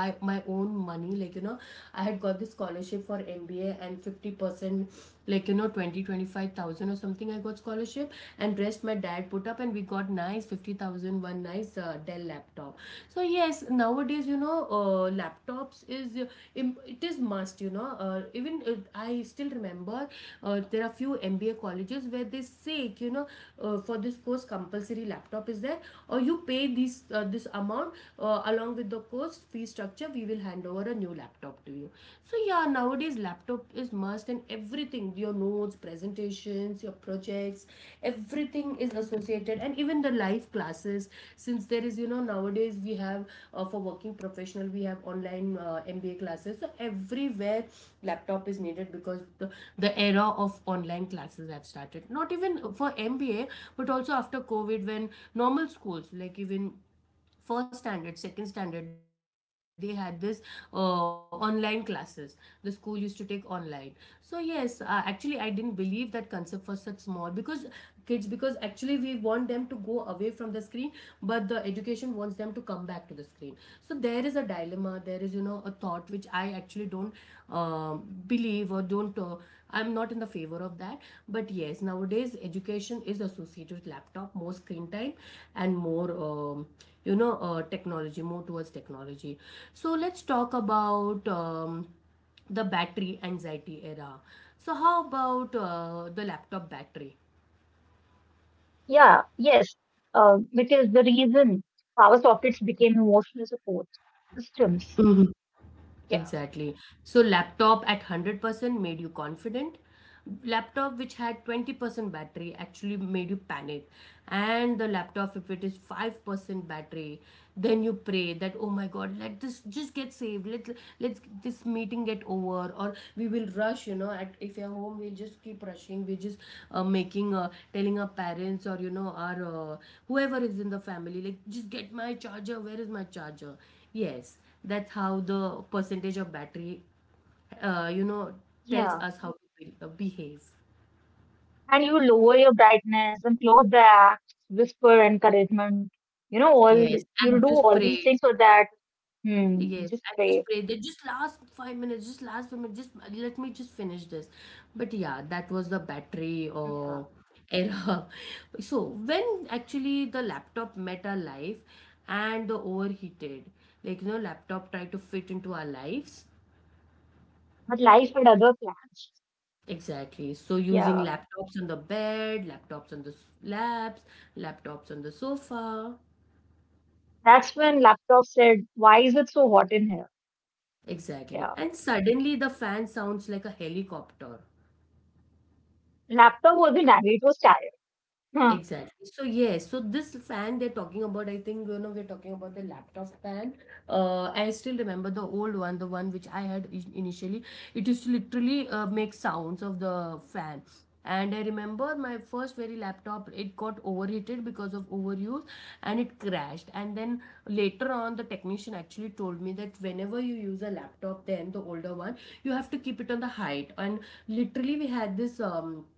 A: by my own money, like you know, I had got this scholarship for mba and 50%, like you know, 20 25000 or something I got scholarship, and rest my dad put up, and we got nice 50,001 nice dell laptop. So yes, nowadays, you know, laptops is it is must, you know, even I still remember there are few mba colleges where they say, you know, for this course compulsory laptop is there, or you pay these this amount along with the course fee structure, we will hand over a new laptop to you. So yeah, nowadays laptop is must and everything, your notes, presentations, your projects, everything is associated, and even the live classes, since there is, you know, nowadays we have for working professional we have online mba classes, so everywhere laptop is needed because the era of online classes have started, not even for mba but also after covid, when normal schools, like even first standard, second standard, they had this online classes, the school used to take online. So yes, actually I didn't believe that concept was such small, because kids, because actually we want them to go away from the screen, but the education wants them to come back to the screen. So there is a dilemma, there is, you know, a thought which I actually don't um, believe or don't I'm not in the favor of that. But yes, nowadays education is associated with laptop, more screen time and more, you know, technology, more towards technology. So let's talk about the battery anxiety era. So, how about the laptop battery?
B: Yeah, yes. Which is the reason power sockets became emotional support systems. Yeah.
A: Exactly. So laptop at 100% made you confident. Laptop which had 20% battery actually made you panic. And the laptop, if it is 5% battery, then you pray that oh my god, let this just get saved. Let's this meeting get over, or we will rush, you know, at, if you're home, we'll just keep rushing. We're just making telling our parents, or you know, our whoever is in the family, like just get my charger. Where is my charger? Yes, that's how the percentage of battery you know tells
B: Yeah.
A: us how to behave.
B: And you lower your brightness and close the app, whisper encouragement. You know, all
A: Yes, and
B: you'll do
A: just
B: all these
A: pray.
B: things so that hmm, you
A: Yes,
B: just
A: and just
B: pray.
A: pray that just last 5 minutes, just last 5 minutes, just let me just finish this. But yeah, that was the battery
B: Yeah.
A: or error. [LAUGHS] So when actually the laptop met our life, and the overheated, like you know, laptop tried to fit into our lives.
B: But life had other plans.
A: Exactly. So using
B: Yeah.
A: laptops on the bed, laptops on the labs, laptops on the sofa.
B: That's when laptop said, "Why is it so hot in here?"
A: Exactly.
B: Yeah.
A: And suddenly the fan sounds like a helicopter.
B: Laptop was the nanny, it was tired. Huh.
A: Exactly. So yes, so this fan they're talking about, I think you know we're talking about the laptop fan. I still remember the old one, the one which I had initially. It used to literally make sounds of the fan. And I remember my first very laptop, it got overheated because of overuse, and it crashed. And then later on, the technician actually told me that whenever you use a laptop, then the older one, you have to keep it on the height. And literally, we had this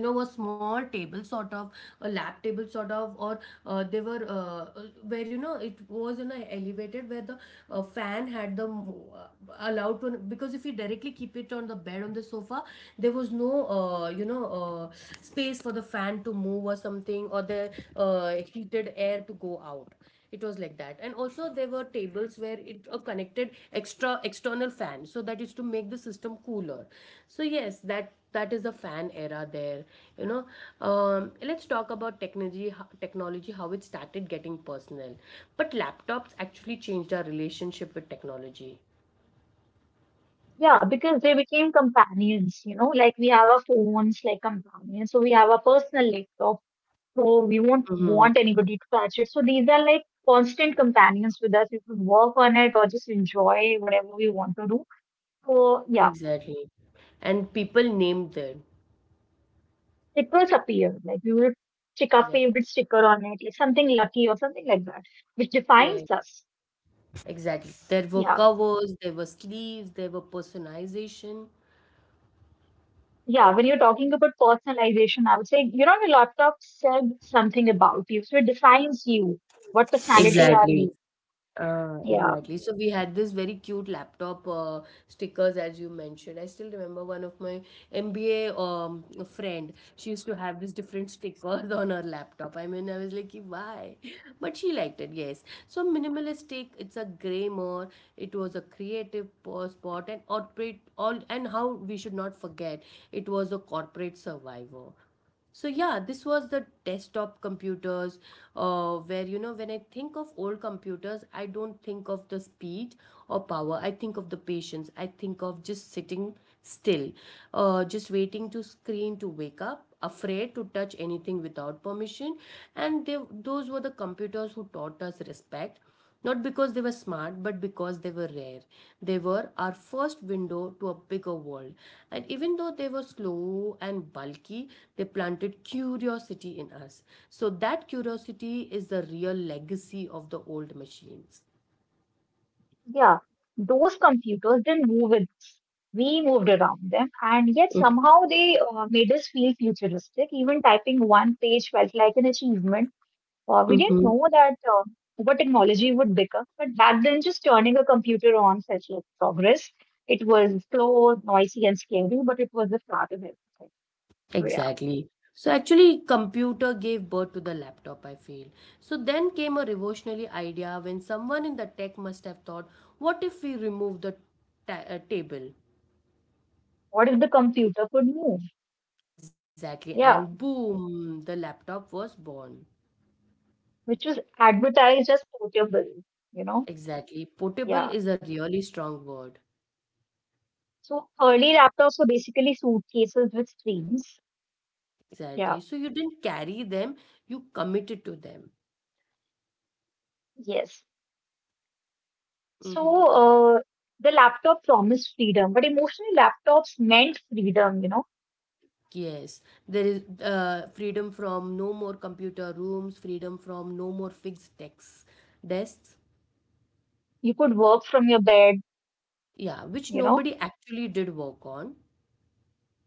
A: you know, a small table sort of, a lab table sort of, or they were where you know it was in a elevated, where the fan had the allowed to, because if you directly keep it on the bed, on the sofa, there was no you know space for the fan to move or something, or the heated air to go out. It was like that. And also there were tables where it a connect extra external fan, so that is to make the system cooler. So yes, that is the fan era there, you know. Let's talk about technology, technology how it started getting personal. But laptops actually changed our relationship with technology.
B: Yeah, because they became companions, you know, like we have our phones like companions. So we have our personal laptop, so we won't
A: Hmm.
B: want anybody to touch it. So these are like constant companions with us. We could work on it or just enjoy whatever we want to do. So yeah,
A: Exactly. And people named them.
B: stickers appear. Like we would stick our
A: Exactly.
B: favorite sticker on it, like something lucky or something like that, which
A: Yeah,
B: defines us.
A: exactly, there were
B: Yeah.
A: covers, there were sleeves, there were personalization.
B: Yeah, when you're talking about personalization, I would say, you know, your laptop said something about you. So it defines you. What personality are
A: Exactly.
B: you? Yeah.
A: Exactly. So we had this very cute laptop stickers, as you mentioned. I still remember one of my MBA friend. She used to have these different stickers [LAUGHS] on her laptop. I mean, I was like, "Ki, why? But she liked it." Yes. So minimalistic. It's a gray more. It was a spot and operate all, and how we should not forget. It was a corporate survivor. So yeah, this was the desktop computers, where you know when I think of old computers, I don't think of the speed or power. I think of the patience. I think of just sitting still, just waiting to screen to wake up, afraid to touch anything without permission, and they, those were the computers who taught us respect. Not because they were smart, but because they were rare. They were our first window to a bigger world. And even though they were slow and bulky, they planted curiosity in us. So that curiosity is the real legacy of the old machines.
B: Yeah, those computers didn't move with us. We moved around them, and yet somehow they made us feel futuristic. Even typing one page felt like an achievement. We didn't
A: Mm-hmm.
B: know that what technology would become, but back then, just turning a computer on felt like progress. It was slow, noisy, and scary, but it was the start of everything. So yeah,
A: Exactly. So actually, computer gave birth to the laptop, I feel. So then came a revolutionary idea, when someone in the tech must have thought, what if we remove the table?
B: what if the computer could move?
A: Exactly. And
B: Yeah,
A: boom, the laptop was born.
B: which was advertised as portable, you know?
A: Exactly. Portable
B: Yeah.
A: is a really strong word.
B: So early laptops were basically suitcases with screens. Yeah,
A: Exactly. So you didn't carry them, you committed to them.
B: yes.
A: Mm-hmm.
B: So uh, the laptop promised freedom, but emotionally laptops meant freedom, you know.
A: Yes. There is freedom from no more computer rooms, freedom from no more fixed desks.
B: You could work from your bed,
A: Yeah, which
B: you know.
A: nobody actually did work on.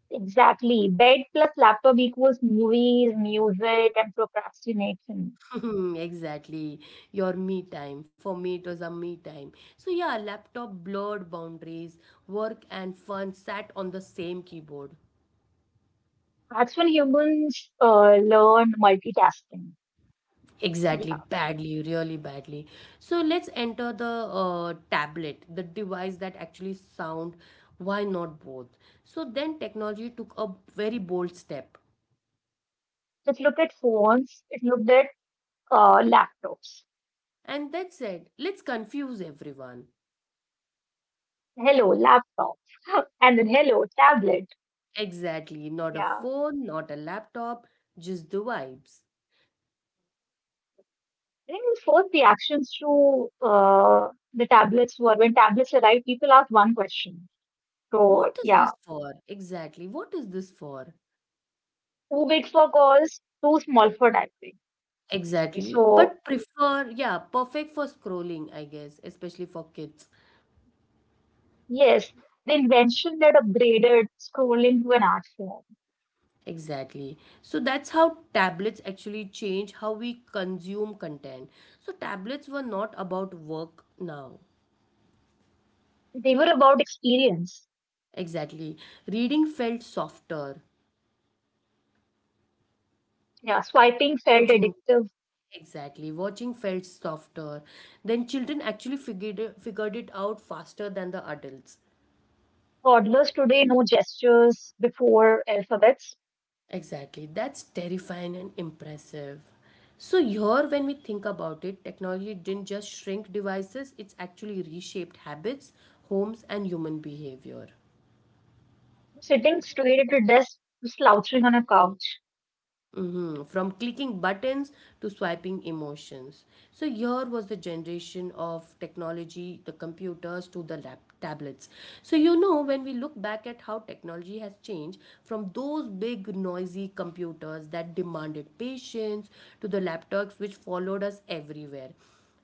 B: Exactly. Bed plus laptop equals movies, music, and procrastination.
A: [LAUGHS] Exactly. Your me time. For me, it was a me time. So, yeah, laptop blurred boundaries. Work and fun sat on the same keyboard.
B: That's when humans learn multitasking.
A: Exactly.
B: Yeah.
A: Badly, really badly. So, let's enter the tablet, the device that actually sound. Why not both? So, then technology took a very bold step.
B: It looked at phones, it looked at laptops.
A: And that said, let's confuse everyone.
B: Hello, laptop. [LAUGHS] And then hello, tablet.
A: Exactly. Not a
B: Yeah.
A: phone, not a laptop, just the vibes.
B: I think this forced the actions to the tablets were when tablets arrived, people asked one question. So,
A: What is this
B: yeah,
A: for? Exactly. What is this for?
B: too big for girls, too small for diabetes.
A: Exactly.
B: So,
A: But prefer, yeah, perfect for scrolling, I guess, especially for kids.
B: yes, the invention that upgraded scrolling to an art form.
A: Exactly. So that's how tablets actually change how we consume content. So tablets were not about work now.
B: They were about experience.
A: Exactly. Reading felt softer.
B: Yeah, swiping felt
A: Watching,
B: addictive.
A: exactly. Watching felt softer. Then children actually figured it out faster than the adults.
B: Toddlers today know gestures before alphabets.
A: Exactly. That's terrifying and impressive. So, here, when we think about it, technology didn't just shrink devices, it's actually reshaped habits, homes, and human behavior.
B: Sitting straight at a desk, slouching on a couch.
A: Hmm. From clicking buttons to swiping emotions. So, here was the generation of technology, the computers to the tablets. So, you know, when we look back at how technology has changed, from those big, noisy computers that demanded patience, to the laptops which followed us everywhere,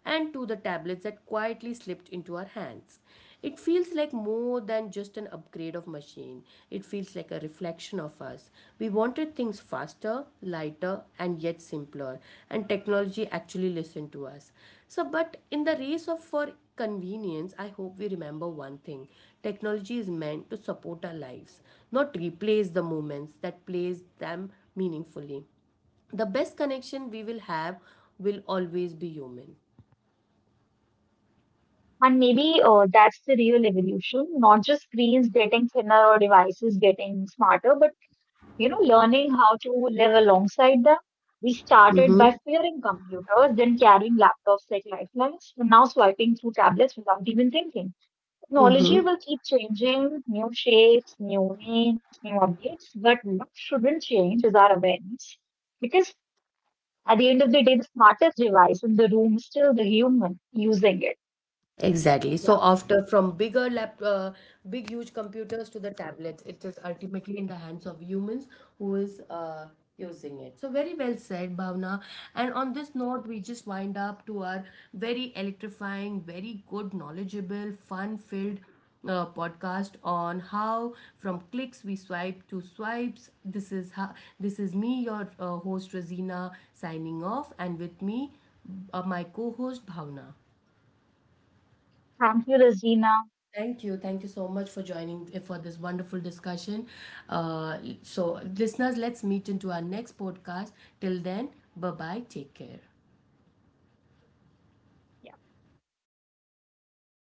A: and to the tablets that quietly slipped into our hands. It feels like more than just an upgrade of machine. It feels like a reflection of us. We wanted things faster, lighter, and yet simpler, and technology actually listened to us. So, but in the race of for convenience, I hope we remember one thing. Technology is meant to support our lives, not replace the moments that plays them meaningfully. The best connection we will have will always be human.
B: And maybe that's the real evolution, not just screens getting thinner or devices getting smarter, but you know, learning how to live alongside them. We started by
A: Mm-hmm.
B: fearing computers, then carrying laptops like lifelines, and now swiping through tablets without even thinking. Technology will keep changing, new shapes, new names, new updates, but what shouldn't change is our awareness. Because at the end of the day, the smartest device in the room is still the human using it.
A: Exactly. So
B: Yeah.
A: after from bigger big huge computers to the tablets, it is ultimately in the hands of humans who is using it. So very well said, Bhavna. And on this note, we just wind up to our very electrifying, very good, knowledgeable, fun-filled podcast on how from clicks we swipe to swipes. This is how, this is me, your host Razina, signing off, and with me, my co-host Bhavna.
B: Thank you, Razina.
A: Thank you. Thank you so much for joining for this wonderful discussion. So, listeners, let's meet into our next podcast. Till then, bye bye. Take care.